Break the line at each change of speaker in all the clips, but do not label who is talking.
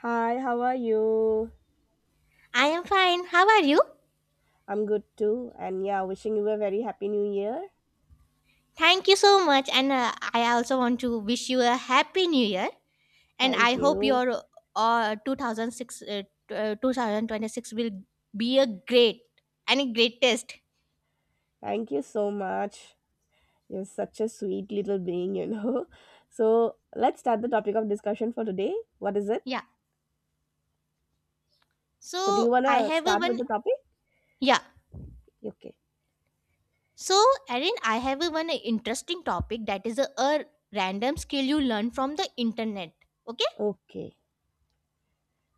Hi, how are you?
I am fine. How are you?
I'm good too. And yeah, wishing you a very happy new year.
Thank you so much. And I also want to wish you a happy new year. And
Thank
I hope
you.
your 2006, 2026 will be a great and a great test.
Thank you so much. You're such a sweet little being, So let's start the topic of discussion for today. What is it?
Yeah.
So, do you
So
want
I
to
have a
start with
one.
the topic?
Yeah.
Okay.
So Erin, I have a one interesting topic that is a random skill you learn from the internet. Okay.
Okay.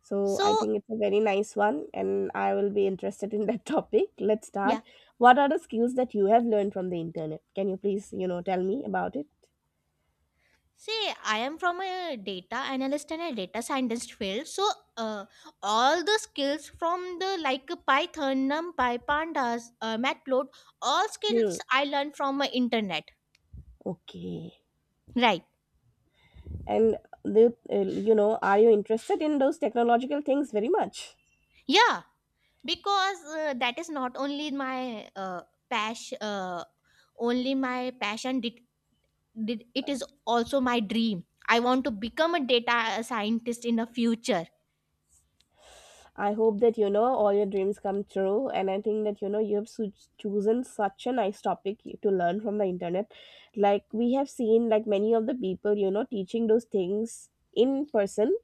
So, I
So
think it's a very nice one, and I will be interested in that topic. Let's start.
yeah.
What are the skills that you have learned from the internet? Can you please, tell me about it?
See, I am from a data analyst and a data scientist field. So, uh, all the skills from the like Python, NumPy, Pandas, Matplot, all
Hmm.
skills I learned from internet.
Okay.
Right?
And the, are you interested in those technological things very much?
Yeah, because that is not only my passion, uh, only my passion. Did it is also my dream. I want to become a data scientist in the future.
I hope that you know all your dreams come true, and I think that you know you have chosen such a nice topic to learn from the internet. Like we have seen, like many of the people, you know, teaching those things in person.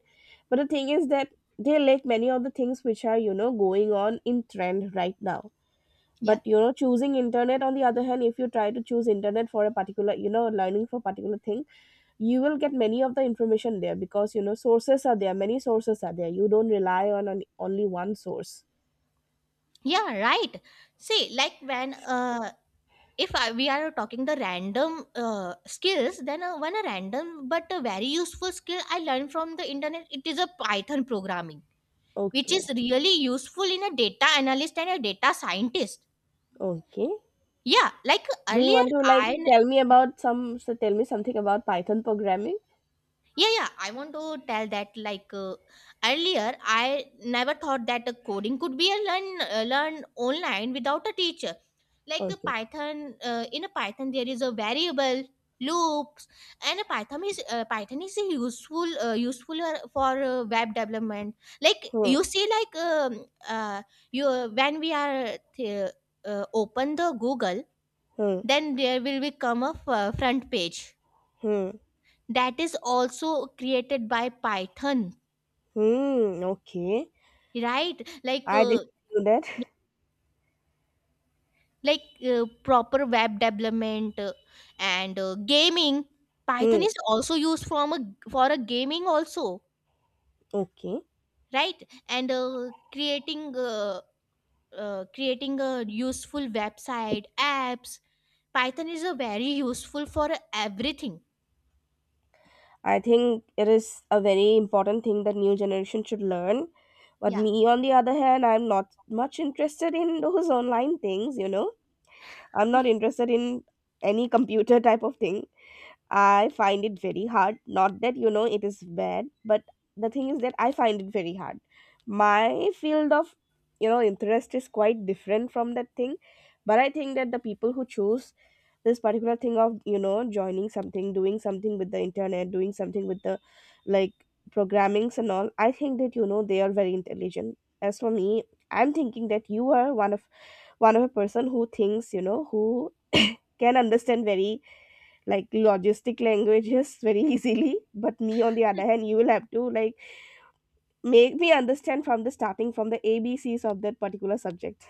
But the thing is that they like many of the things which are you know going on in trend right now.
Yeah.
But you know, choosing internet on the other hand, if you try to choose internet for a particular, you know, learning for particular thing you will get many of the information there because you know sources are there, many sources are there, you don't rely on an, only one source.
Yeah. Right. See, like when if I, we are talking the random skills then one random but a very useful skill I learned from the internet, it is a Python programming which is
Okay.
really useful in a data analyst and a data scientist.
Okay.
Yeah, like
Do you
earlier
want to like
I
tell me about some, so tell me something about Python programming?
yeah, I want to tell that like earlier I never thought that coding could be a learn learned online without a teacher, like a
Okay.
Python. In a Python there is a variable, loops. And a Python is Python is a useful for web development. Like
Hmm.
you see, like uh, you when we are open the Google,
Hmm.
then there will become a front page
Hmm.
that is also created by Python.
Hmm. Okay.
Right? Like
I didn't know that.
like proper web development and gaming. Python
Hmm.
is also used from a for a gaming also.
Okay.
Right. And creating a useful website apps, Python is a very useful for everything.
I think it is a very important thing that new generation should learn, but
Yeah.
me on the other hand I'm not much interested in those online things, you know. I'm not interested in any computer type of thing. I find it very hard. Not that, you know, it is bad, but the thing is that I find it very hard. My field of, you know, interest is quite different from that thing. But I think that the people who choose this particular thing of, you know, joining something, doing something with the internet, doing something with the like programmings and all, I think that, you know, they are very intelligent. As for me, I'm thinking that you are one of a person who thinks, you know, who can understand very like logistic languages very easily, but me on the other hand you will have to like make me understand from the starting, from the ABCs of that particular subject.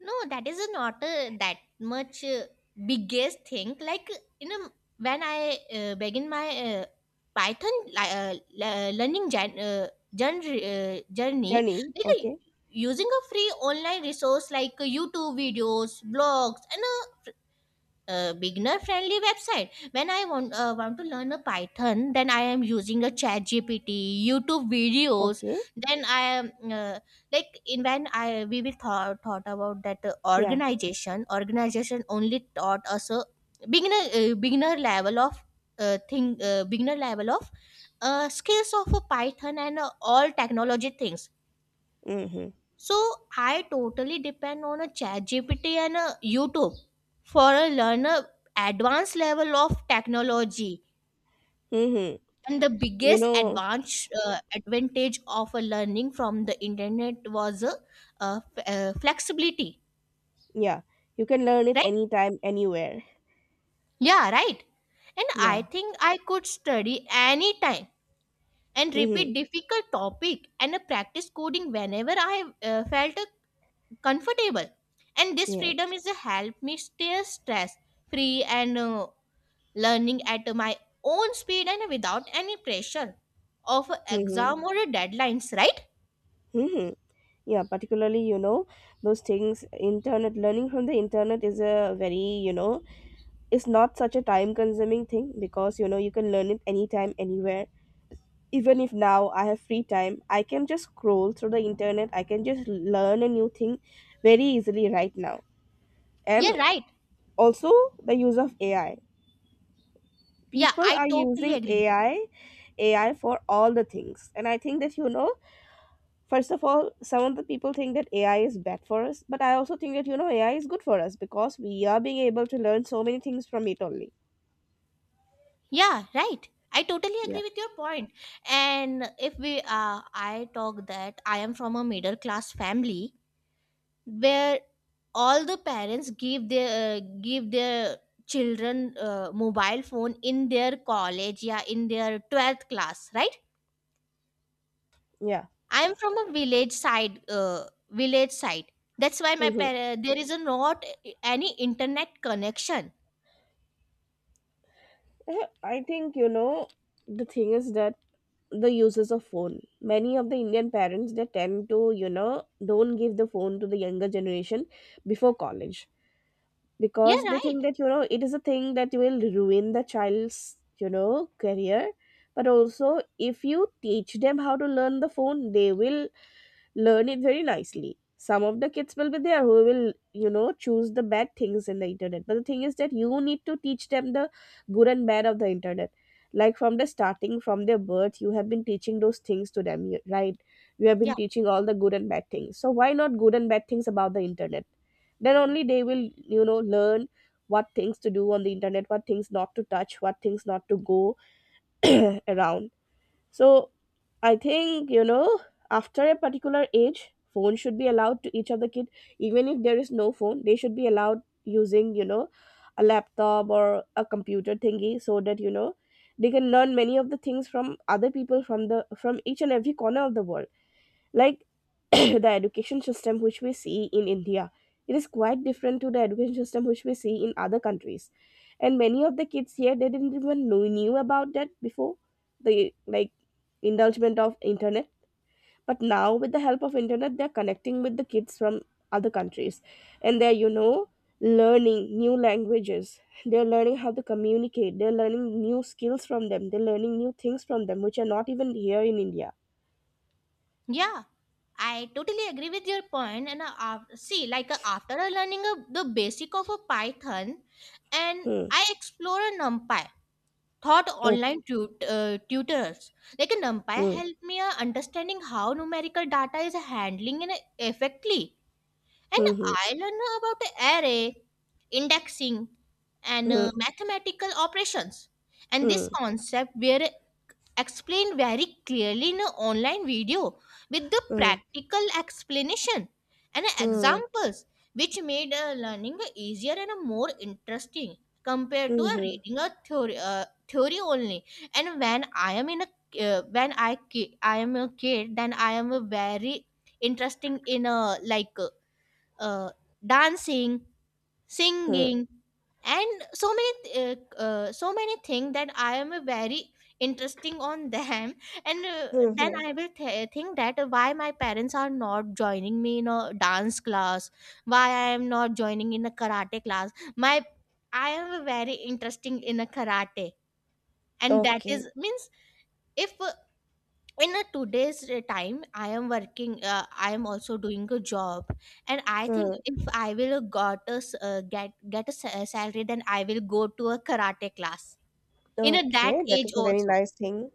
No, that is not that much biggest thing. Like you know, when I begin my Python learning journey,
Journey.
like
Okay.
using a free online resource like YouTube videos, blogs, and beginner friendly website. When I want to learn a Python, then I am using a chat gpt youtube videos.
Okay.
Then I am uh, like in when I we will thought about that uh,
Yeah.
organization organization only taught us a beginner level of thing beginner level of skills of a Python and all technology things.
Mm-hmm.
So I totally depend on a chat GPT and a YouTube for a learner advanced level of technology.
Mm-hmm.
And the
You
biggest
know.
advantage of a learning from the internet was a, uh, f- flexibility,
Yeah, you can learn it
right?
anytime anywhere.
Yeah, right. And I
Yeah.
think I could study anytime and repeat
Mm-hmm.
difficult topic and practice coding whenever I felt comfortable, and this freedom
Yes.
is a help me stay stress free and learning at my own speed and without any pressure of a
Mm-hmm.
exam or a deadlines, right?
Mm-hmm. Yeah, particularly you know those things, internet, learning from the internet is a very you know, it's not such a time consuming thing because you know you can learn it anytime anywhere. Even if now I have free time I can just scroll through the internet, I can just learn a new thing very easily right now.
Yeah,
And
right.
also the use of AI,
Yeah,
people
I
are
totally
using
agree with you.
AI, AI for all the things, and I think that you know first of all some of the people think that AI is bad for us, but I also think that you know AI is good for us because we are being able to learn so many things from it only.
Yeah, right, I totally
Yeah.
agree with your point. And if we I talk that I am from a middle class family where all the parents give their children mobile phone in their college, yeah, in their 12th class, right?
Yeah.
I am from a village side. That's why my
Mm-hmm.
parents, there is a not any internet connection.
Eh, I think you know the thing is that the uses of phone. Many of the Indian parents they tend to you know don't give the phone to the younger generation before college
Yeah,
because they
right.
think that you know it is a thing that will ruin the child's you know career. But also, if you teach them how to learn the phone, they will learn it very nicely. Some of the kids will be there who will, you know, choose the bad things in the internet. But the thing is that you need to teach them the good and bad of the internet. Like from the starting, from their birth, you have been teaching those things to them, right? You have been
Yeah,
teaching all the good and bad things. So why not good and bad things about the internet? Then only they will, you know, learn what things to do on the internet, what things not to touch, what things not to go around. So I think, you know, after a particular age, phone should be allowed to each of the kid. Even if there is no phone, they should be allowed using, you know, a laptop or a computer thingy so that, you know, they can learn many of the things from other people, from the, from each and every corner of the world. Like the education system which we see in India. It is quite different to the education system which we see in other countries. And many of the kids here they didn't even know knew about that before the like indulgement of internet. But now with the help of internet they're connecting with the kids from other countries. And they're, you know, learning new languages. They're learning how to communicate. They're learning new skills from them. They're learning new things from them which are not even here in India.
yeah, I totally agree with your point. And see, like after learning the basic of a Python, and
Hmm.
I explore a NumPy. Thought
Okay.
online tutors, like a NumPy
Hmm.
help me understanding how numerical data is handling and effectively, and
Mm-hmm.
I learn about array, indexing and mathematical operations, and this
Hmm.
concept were explained very clearly in an online video with the
Hmm.
practical explanation and
Hmm.
examples, which made learning easier and more interesting compared to uh,
Mhm.
reading a theory, uh, theory only. And when I am in a I am a kid, then I am a very interesting in a like uh, dancing,
Hmm.
singing and so many so many things that I am very interesting on them and then
Mhm.
I will think that why my parents are not joining me in a dance class, why I am not joining in a karate class. My I am very interesting in a karate, and that
Okay.
is means if in a today's time I am working, I am also doing a job, and I
Hmm.
think if I will got a s- get a sa- salary, then I will go to a karate class in a,
Okay,
that
that is
age
a very
also.
nice thing.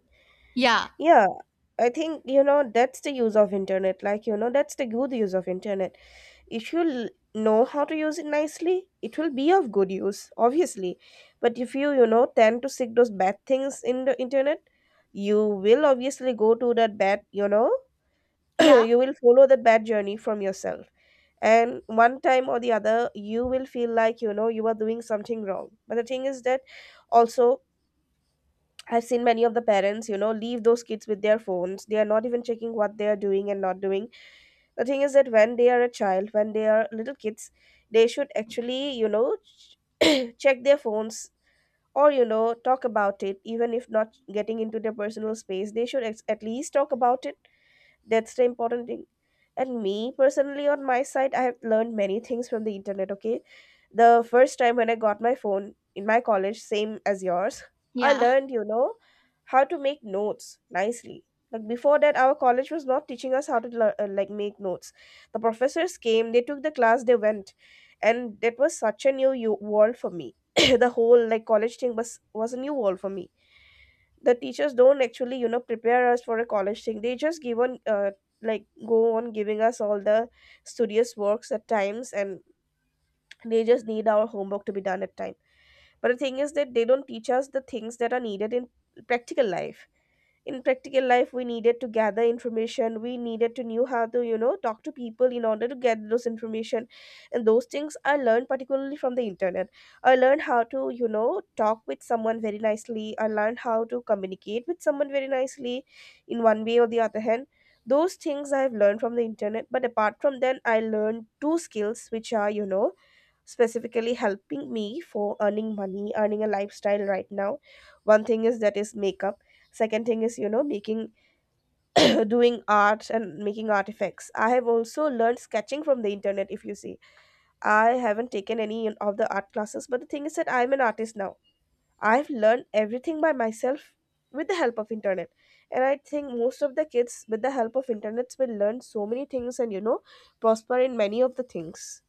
Yeah.
Yeah, I think you know that's the use of internet. Like you know that's the good use of internet. If you l- Know how to use it nicely, it will be of good use, obviously. But if you you know tend to seek those bad things in the internet, you will obviously go to that bad. You know,
Yeah.
you will follow the bad journey from yourself. And one time or the other you will feel like you know you are doing something wrong, but the thing is that also I've seen many of the parents you know leave those kids with their phones, they are not even checking what they are doing and not doing. The thing is that when they are a child, when they are little kids, they should actually you know check their phones or you know talk about it, even if not getting into their personal space they should at least talk about it. That's the important thing. And me personally on my side I have learned many things from the internet. Okay, the first time when I got my phone in my college, same as yours, I
Yeah.
learned you know how to make notes nicely. Like before that our college was not teaching us how to like make notes. The professors came, they took the class, they went, and that was such a world for me. The whole like college thing was a new world for me. The teachers don't actually you know prepare us for a college thing, they just give on like go on giving us all the studious works at times, and they just need our homework to be done at time. But the thing is that they don't teach us the things that are needed in practical life. In practical life we needed to gather information, we needed to know how to you know talk to people in order to get those information. And those things I learned particularly from the internet. I learned how to you know talk with someone very nicely, I learned how to communicate with someone very nicely, in one way or the other hand, those things I've learned from the internet. But apart from that I learned two skills which are you know specifically helping me for earning money, earning a lifestyle right now. One thing is that is makeup, second thing is you know making doing art and making artifacts. I have also learned sketching from the internet. If you see, I haven't taken any of the art classes, but the thing is that I'm an artist now. I've learned everything by myself with the help of internet. And I think most of the kids with the help of internet will learn so many things and you know prosper in many of the things.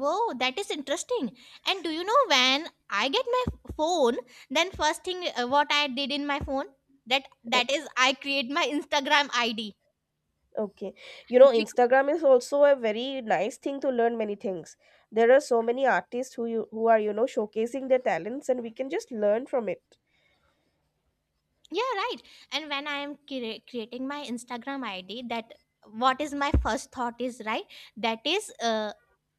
Whoa, that is interesting. And do you know, when I get my phone, then first thing, what I did in my phone, that is I create my Instagram ID.
Okay. You know, Instagram is also a very nice thing to learn many things. There are so many artists who you who are, you know, showcasing their talents and we can just learn from it.
Yeah, right. And when I am creating my Instagram ID, that what is my first thought is, right, that is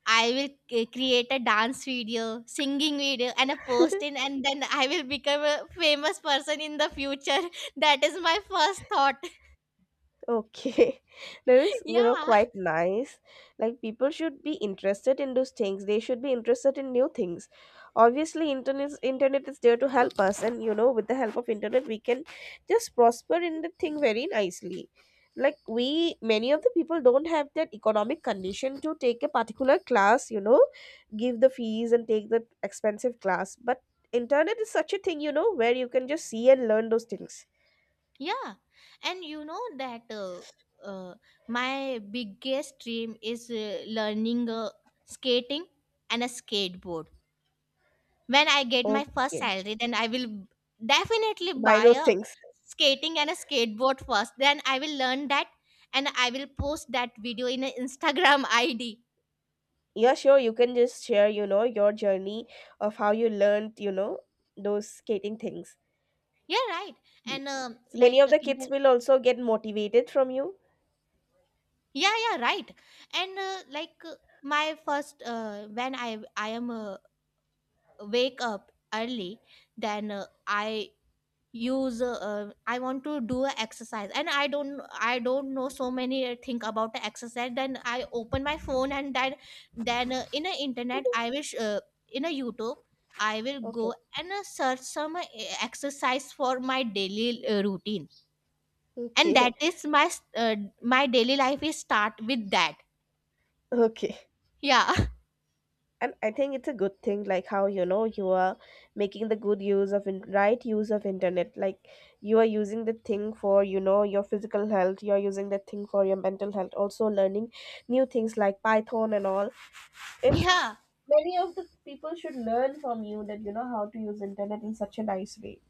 I will create a dance video, singing video and a post in, and then I will become a famous person in the future. That is my first thought.
Okay, that is, you know,
Yeah.
quite nice. Like, people should be interested in those things. They should be interested in new things. Obviously, internet is there to help us, and you know, with the help of internet, we can just prosper in the thing very nicely. Like we, many of the people don't have that economic condition to take a particular class, you know, give the fees and take the expensive class. But internet is such a thing, you know, where you can just see and learn those things.
Yeah. And you know that uh, my biggest dream is learning skating and a skateboard. When I get my first
Okay,
salary, then I will definitely
buy
buy
those
a
things.
skating and a skateboard first. Then I will learn that and I will post that video in an Instagram ID.
Yeah, sure, you can just share, you know, your journey of how you learned, you know, those skating things.
Yeah, right.
You-
And
so many
like,
of the kids will also get motivated from you.
yeah, yeah, right. And like my first, when I am wake up early, then I use I want to do a exercise and I don't know so many thing about the exercise, then I open my phone and then in the internet I wish in a YouTube I will
Okay,
go and search some exercise for my daily routine, and
okay,
that is my my daily life is start with that.
okay.
Yeah.
And I think it's a good thing, like how, you know, you are making the good use of right use of internet. Like, you are using the thing for, you know, your physical health, you are using the thing for your mental health, also learning new things like Python and all. And
Yeah.
many of the people should learn from you that, you know, how to use internet in such a nice way.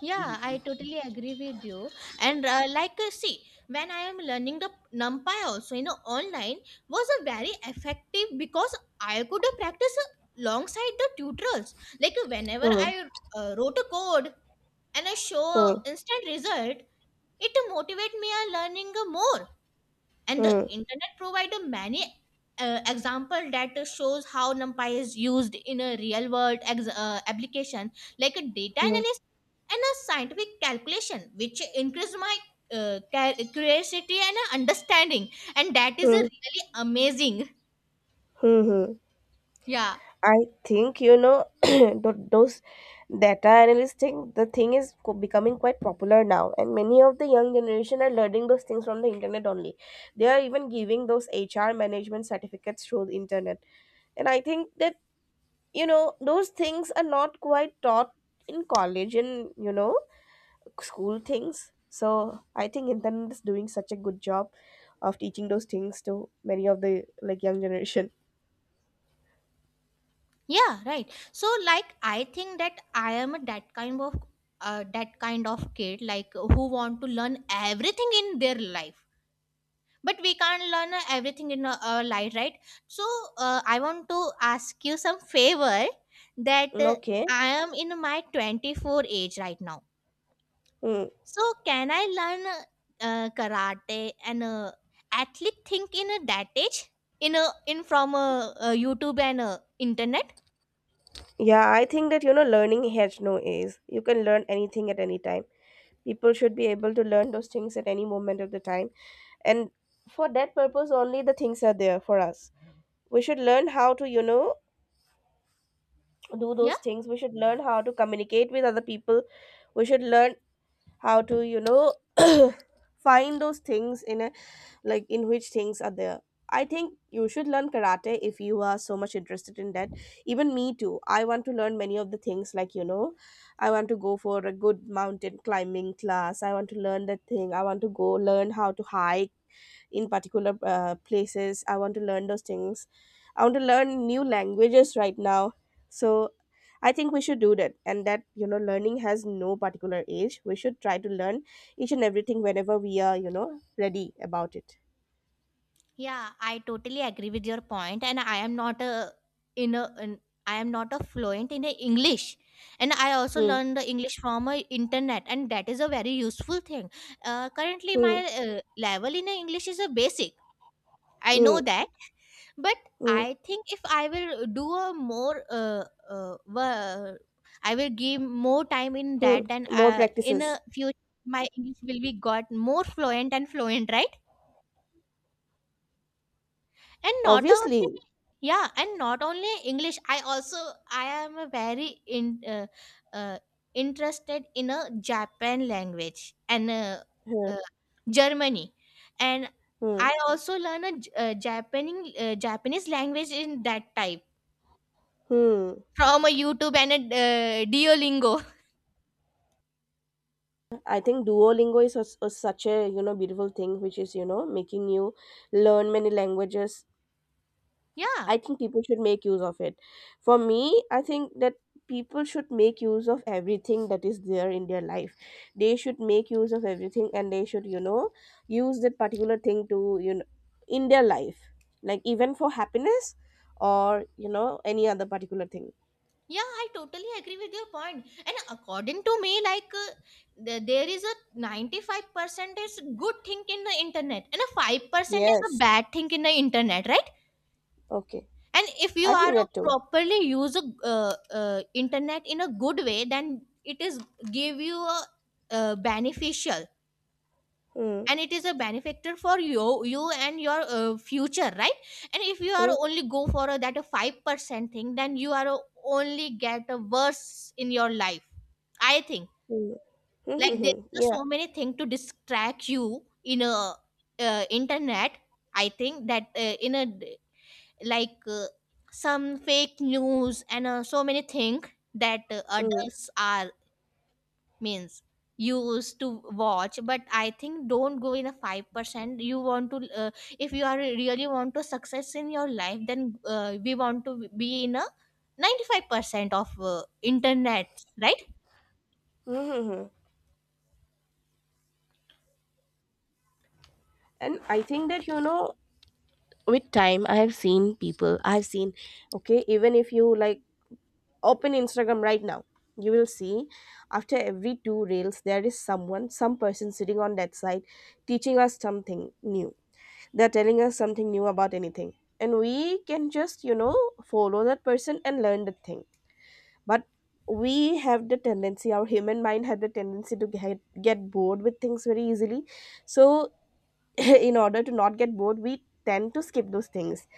Yeah, I totally agree with you. And see, when I am learning the NumPy also, you know, online was a very effective because I could practice alongside the tutorials. Like whenever
Hmm,
I wrote a code and I show
hmm,
instant result, it motivate me a learning more, and the
hmm,
internet provide a many example that shows how NumPy is used in a real world application like a data
hmm,
analysis and a scientific calculation, which increased my curiosity and understanding, and that is a
hmm,
really amazing.
hmm, hmm.
Yeah.
I think, you know, those data analyst thing. The thing is becoming quite popular now, and many of the young generation are learning those things from the internet only. They are even giving those HR management certificates through the internet, and I think that, you know, those things are not quite taught in college, and, you know, school things. So I think internet is doing such a good job of teaching those things to many of the, like, young generation.
Yeah, right. So like, I think that I am a that kind of that kind of kid, like who want to learn everything in their life, but we can't learn everything in our life, right? So I want to ask you some favor, that
Okay.
I am in my 24 age right now.
Mm.
So can I learn karate and at think in that age in from YouTube and internet?
Yeah, I think that, you know, learning has no age. You can learn anything at any time. People should be able to learn those things at any moment of the time. And for that purpose only the things are there for us. We should learn how to, you know, do
Yeah.
those things. We should learn how to communicate with other people. We should learn how to, you know, find those things in a, like, in which things are there. I think you should learn karate if you are so much interested in that. Even me too, I want to learn many of the things, like, you know, I want to go for a good mountain climbing class, I want to learn that thing, I want to go learn how to hike in particular places. I want to learn those things. I want to learn new languages right now. So I think we should do that. And that, you know, learning has no particular age. We should try to learn each and everything whenever we are, you know, ready about it.
Yeah, I totally agree with your point, and I am not a in a in, I am not a fluent in a English, and I also
Hmm.
learned the English from a internet, and that is a very useful thing. Currently, my
Hmm.
level in a English is a basic. I
Hmm.
know that, but
Hmm.
I think if I will do a more uh wo- I will give more time in
Hmm.
that, then
More
in
practices.
a future my English will be got more fluent and fluent, right? And not only,
Obviously.
yeah, and not only English, I also, I am a very in uh, uh, interested in a Japan language and
Hmm.
uh, Germany, and
Hmm.
I also learn a Japanese language in that type
Hmm.
from a YouTube and a Duolingo.
I think Duolingo is a, such a, you know, beautiful thing, which is, you know, making you learn many languages.
Yeah.
I think people should make use of it. For me, I think that people should make use of everything that is there in their life. They should make use of everything, and they should, you know, use that particular thing to, you know, in their life. Like, even for happiness, or, you know, any other particular thing.
Yeah, I totally agree with your point. And according to me, like there is a 95% is good thing in the internet, and a 5% is a
Yes.
bad thing in the internet, right?
Okay.
And if you
I
are
think
a
that too.
properly use a uh, internet in a good way, then it is give you a beneficial,
Mm,
and it is a benefactor for you, you and your future, right? And if you are
mm,
only go for a, that a 5% thing, then you are only get a worse in your life, I think.
mm. Mhm,
Like there
mhm.
are
Yeah.
so many things to distract you in a internet. I think that like some fake news and so many things that
Mm,
adults are means used to watch. But I think don't go in a 5%. You want to if you are really want to success in your life, then we want to be in a 95% of internet, right?
mhm, mhm. And I think that, you know, with time I have seen people, I've seen, okay, even if you, like, open Instagram right now, you will see after every two reels there is someone, some person sitting on that side teaching us something new. They're telling us something new about anything, and we can just, you know, follow that person and learn the thing. But we have the tendency, our human mind have the tendency to get bored with things very easily. So in order to not get bored, we tend to skip those things.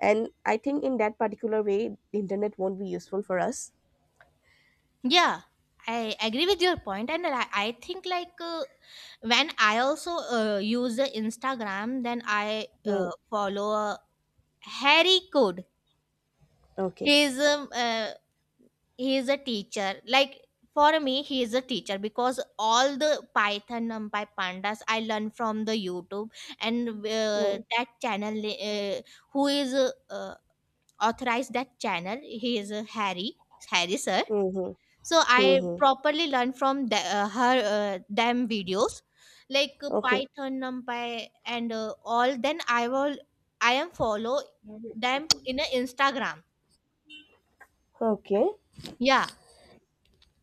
And I think in that particular way, the internet won't be useful for us.
Yeah, I agree with your point, and I think when I also use the Instagram, then I
Hmm.
follow Harry Code.
Okay.
He's um, uh, he's a teacher. Like for me, he is a teacher because all the Python, NumPy, Pandas I learn from the YouTube and
Hmm,
that channel. Who is authorized that channel? He is Harry Harry sir.
mm-hmm.
So I
Mm-hmm.
properly learned from them videos like
Okay,
python numpy and all, then I am follow them in a instagram.
okay.
Yeah.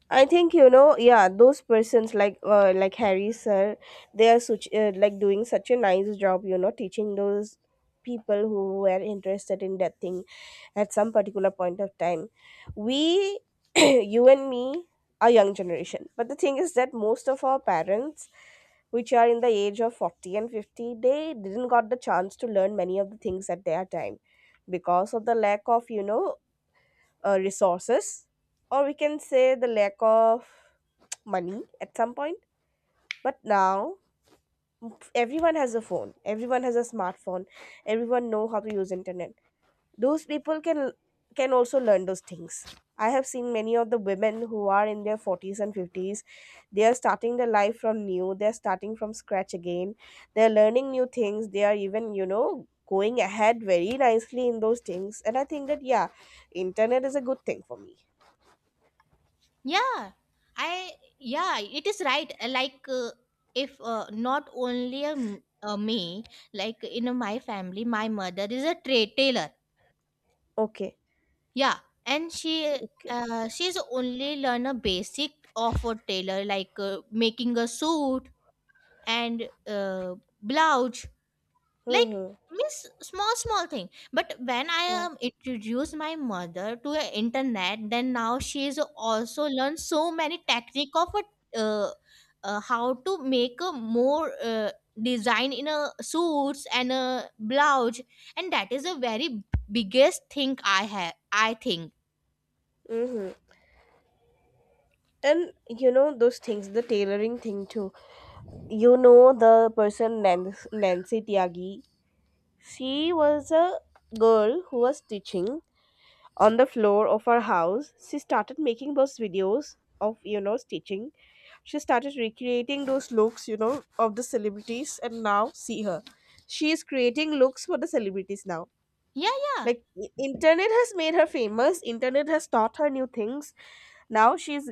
I think, you know, yeah, those persons like Harry sir, they are such like doing such a nice job, you know, teaching those people who were interested in that thing at some particular point of time. We, you and me, are young generation, but the thing is that most of our parents, which are in the age of 40 and 50, they didn't got the chance to learn many of the things at their time because of the lack of, you know, resources, or we can say the lack of money at some point. But now everyone has a phone, everyone has a smartphone, everyone know how to use internet. Those people can also learn those things. I have seen many of the women who are in their 40s and 50s, they are starting their life from new, they are starting from scratch again. They are learning new things, they are even, you know, going ahead very nicely in those things. And I think that, yeah, internet is a good thing for me.
Yeah i yeah it is right. If not only a, m- a me, like in a my family, my mother is a trade tailor.
Okay,
Yeah. And she
okay.
she's only learn a basic of a tailor, like making a suit and blouse, like
Mm-hmm.
miss small small thing. But when I
Mm-hmm.
introduced my mother to the internet, then now she's also learned so many technique of how to make a more design in a suits and a blouse. And that is a very biggest thing I think.
Mm-hmm. And, you know, those things, the tailoring thing too, you know, the person, Nancy Tiagi, she was a girl who was stitching on the floor of her house. She started making those videos of, you know, stitching. She started recreating those looks, you know, of the celebrities, and now see her, she is creating looks for the celebrities now.
Yeah, yeah.
Like, internet has made her famous, internet has taught her new things. Now she's,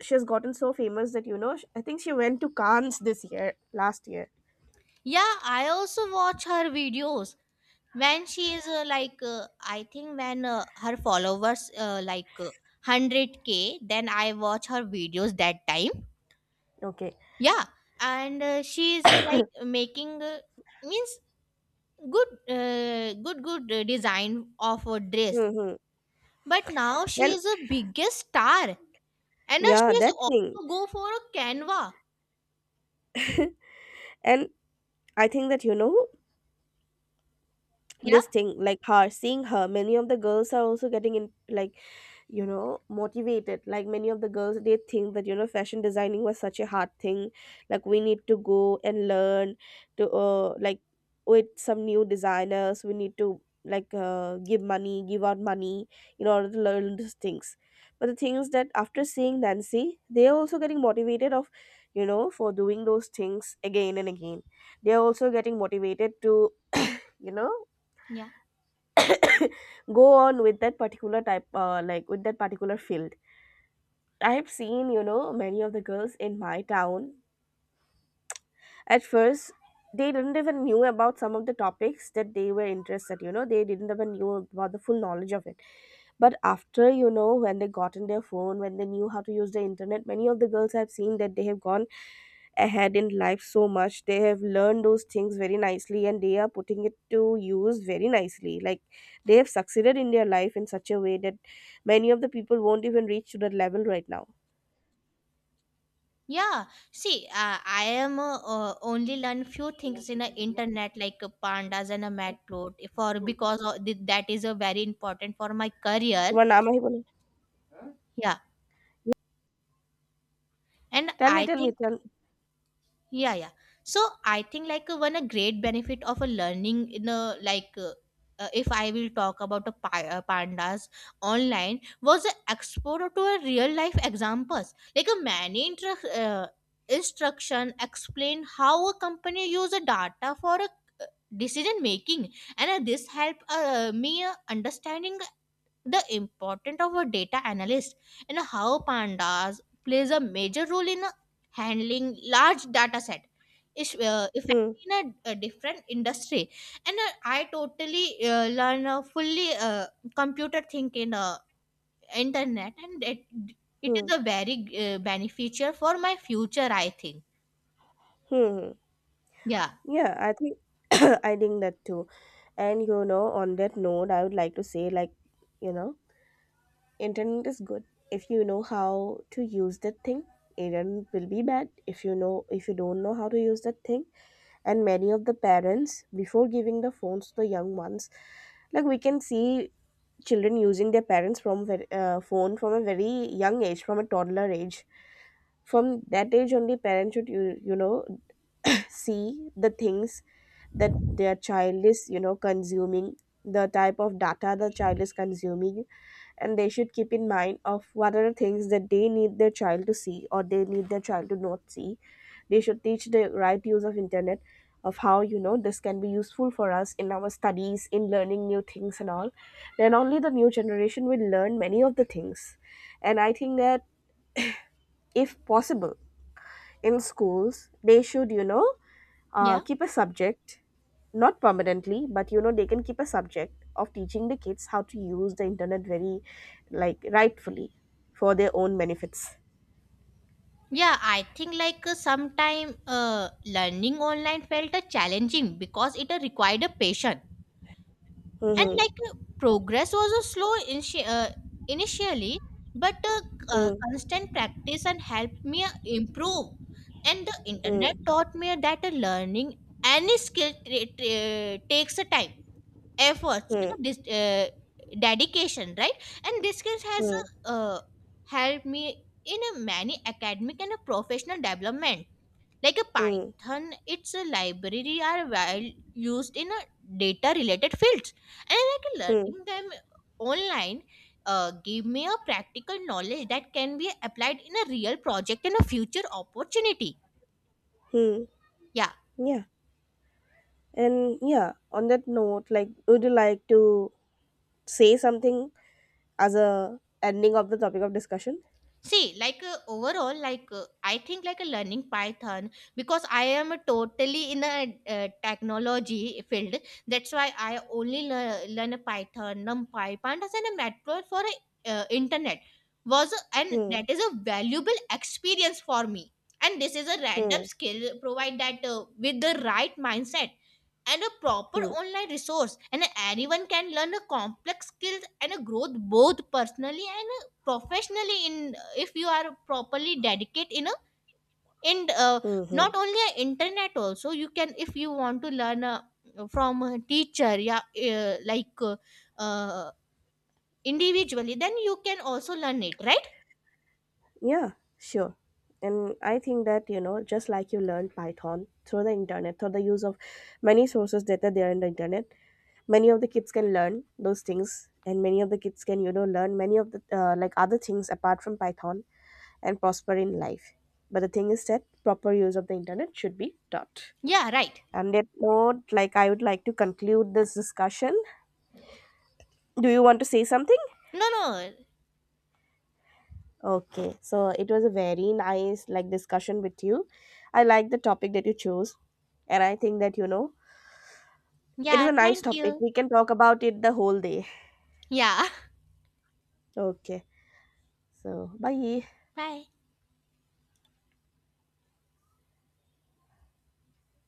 she has gotten so famous that, you know, I think she went to Cannes this year, last year.
Yeah, I also watch her videos when she is I think when her followers 100K, then I watch her videos that time.
Okay.
Yeah. And she is like making means good design of a dress.
Mm-hmm.
But now she
And,
is a biggest star. And she
yeah,
is
that thing.
also go for a canva.
And I think that, you know,
Yeah.
this thing, like, her, seeing her, many of the girls are also getting in, like, you know, motivated. Like, many of the girls, they think that, you know, fashion designing was such a hard thing, like we need to go and learn to, like, with some new designers, we need to, like, give money, give out money in order to learn these things. But the thing is that after seeing Nancy, they are also getting motivated of, you know, for doing those things again and again. They are also getting motivated to, you know,
Yeah.
go on with that particular type, like with that particular field. I've seen, you know, many of the girls in my town. At first, they didn't even knew about some of the topics that they were interested. You know, they didn't even knew about the full knowledge of it. But after, you know, when they got in their phone, when they knew how to use the internet, many of the girls I've seen that they have gone ahead in life so much. They have learned those things very nicely, and they are putting it to use very nicely. Like, they have succeeded in their life in such a way that many of the people won't even reach to that level right now.
Yeah, see, I am only learn few things in the internet like pandas and a matplot for because of that is a very important for my career.
तुम्हारा नाम है बोलो।
Yeah, and
Tell me,
I
tell me,
think
tell.
yeah, yeah. So I think like one a great benefit of a learning in a like if I will talk about a pandas online was a exposure to a real life examples, like a many instruction explain how a company use a data for a decision making. And this help me understanding the importance of a data analyst and how pandas plays a major role in handling large data set is if
Hmm,
in a different industry. And I totally learn fully computer think in internet. And it
hmm,
is a very beneficial for my future I think.
hmm.
Yeah,
Yeah, I think I think that too. And you know, on that note, I would like to say, like, you know, internet is good if you know how to use that thing. Internet will be bad if you know, if you don't know how to use that thing. And many of the parents, before giving the phones to the young ones, like we can see children using their parents from very, phone from a very young age, from a toddler age. From that age only, parents should you, you know, see the things that their child is, you know, consuming, the type of data the child is consuming. And they should keep in mind of what are the things that they need their child to see or they need their child to not see. They should teach the right use of internet, of how, you know, this can be useful for us in our studies, in learning new things and all. Then only the new generation will learn many of the things. And I think that, if possible, in schools they should, you know,
yeah.
keep a subject, not permanently, but you know, they can keep a subject of teaching the kids how to use the internet very, like, rightfully for their own benefits.
Yeah, I think like sometime learning online felt challenging because it required a patience. And
Hmm,
progress was initially, but
hmm,
constant practice and helped me improve. And the
hmm,
internet taught me that learning any skill takes a time, efforts, and a
hmm,
dedication, right? And this skill has
hmm,
uh, uh, helped me in a many academic and a professional development. Like a
hmm,
Python, its a library are well used in a data related fields. And like
hmm,
learning them online give me a practical knowledge that can be applied in a real project and a future opportunity.
hmm.
Yeah.
Yeah. And, yeah, on that note, like, would you like to say something as a ending of the topic of discussion?
See, like overall, like I think like a learning Python because I am totally in a technology field. That's why I only learn a Python, NumPy, Pandas, and a Matplotlib for internet and
Hmm,
that is a valuable experience for me. And this is a random
hmm,
skill. Provide that with the right mindset and a proper
hmm,
online resource, and anyone can learn a complex skills and a growth both personally and professionally in if you are properly dedicate in a and
hmm, hmm.
not only a internet, also you can if you want to learn from a teacher. Yeah. uh, like uh, uh, Individually, then you can also learn it, right?
Yeah, sure. And I think that, you know, just like you learned Python through the internet, through the use of many sources that are there in the internet, many of the kids can learn those things. And many of the kids can, you know, learn many of the like other things apart from Python and prosper in life. But the thing is that proper use of the internet should be taught.
Yeah, right.
On that note, like, I would like to conclude this discussion. Do you want to say something?
No, no.
Okay, so it was a very nice, like, discussion with you. I like the topic that you chose, and I think that you know it is
Yeah,
a nice
thank
topic.
you.
We can talk about it the whole day.
Yeah.
Okay, so bye.
Bye.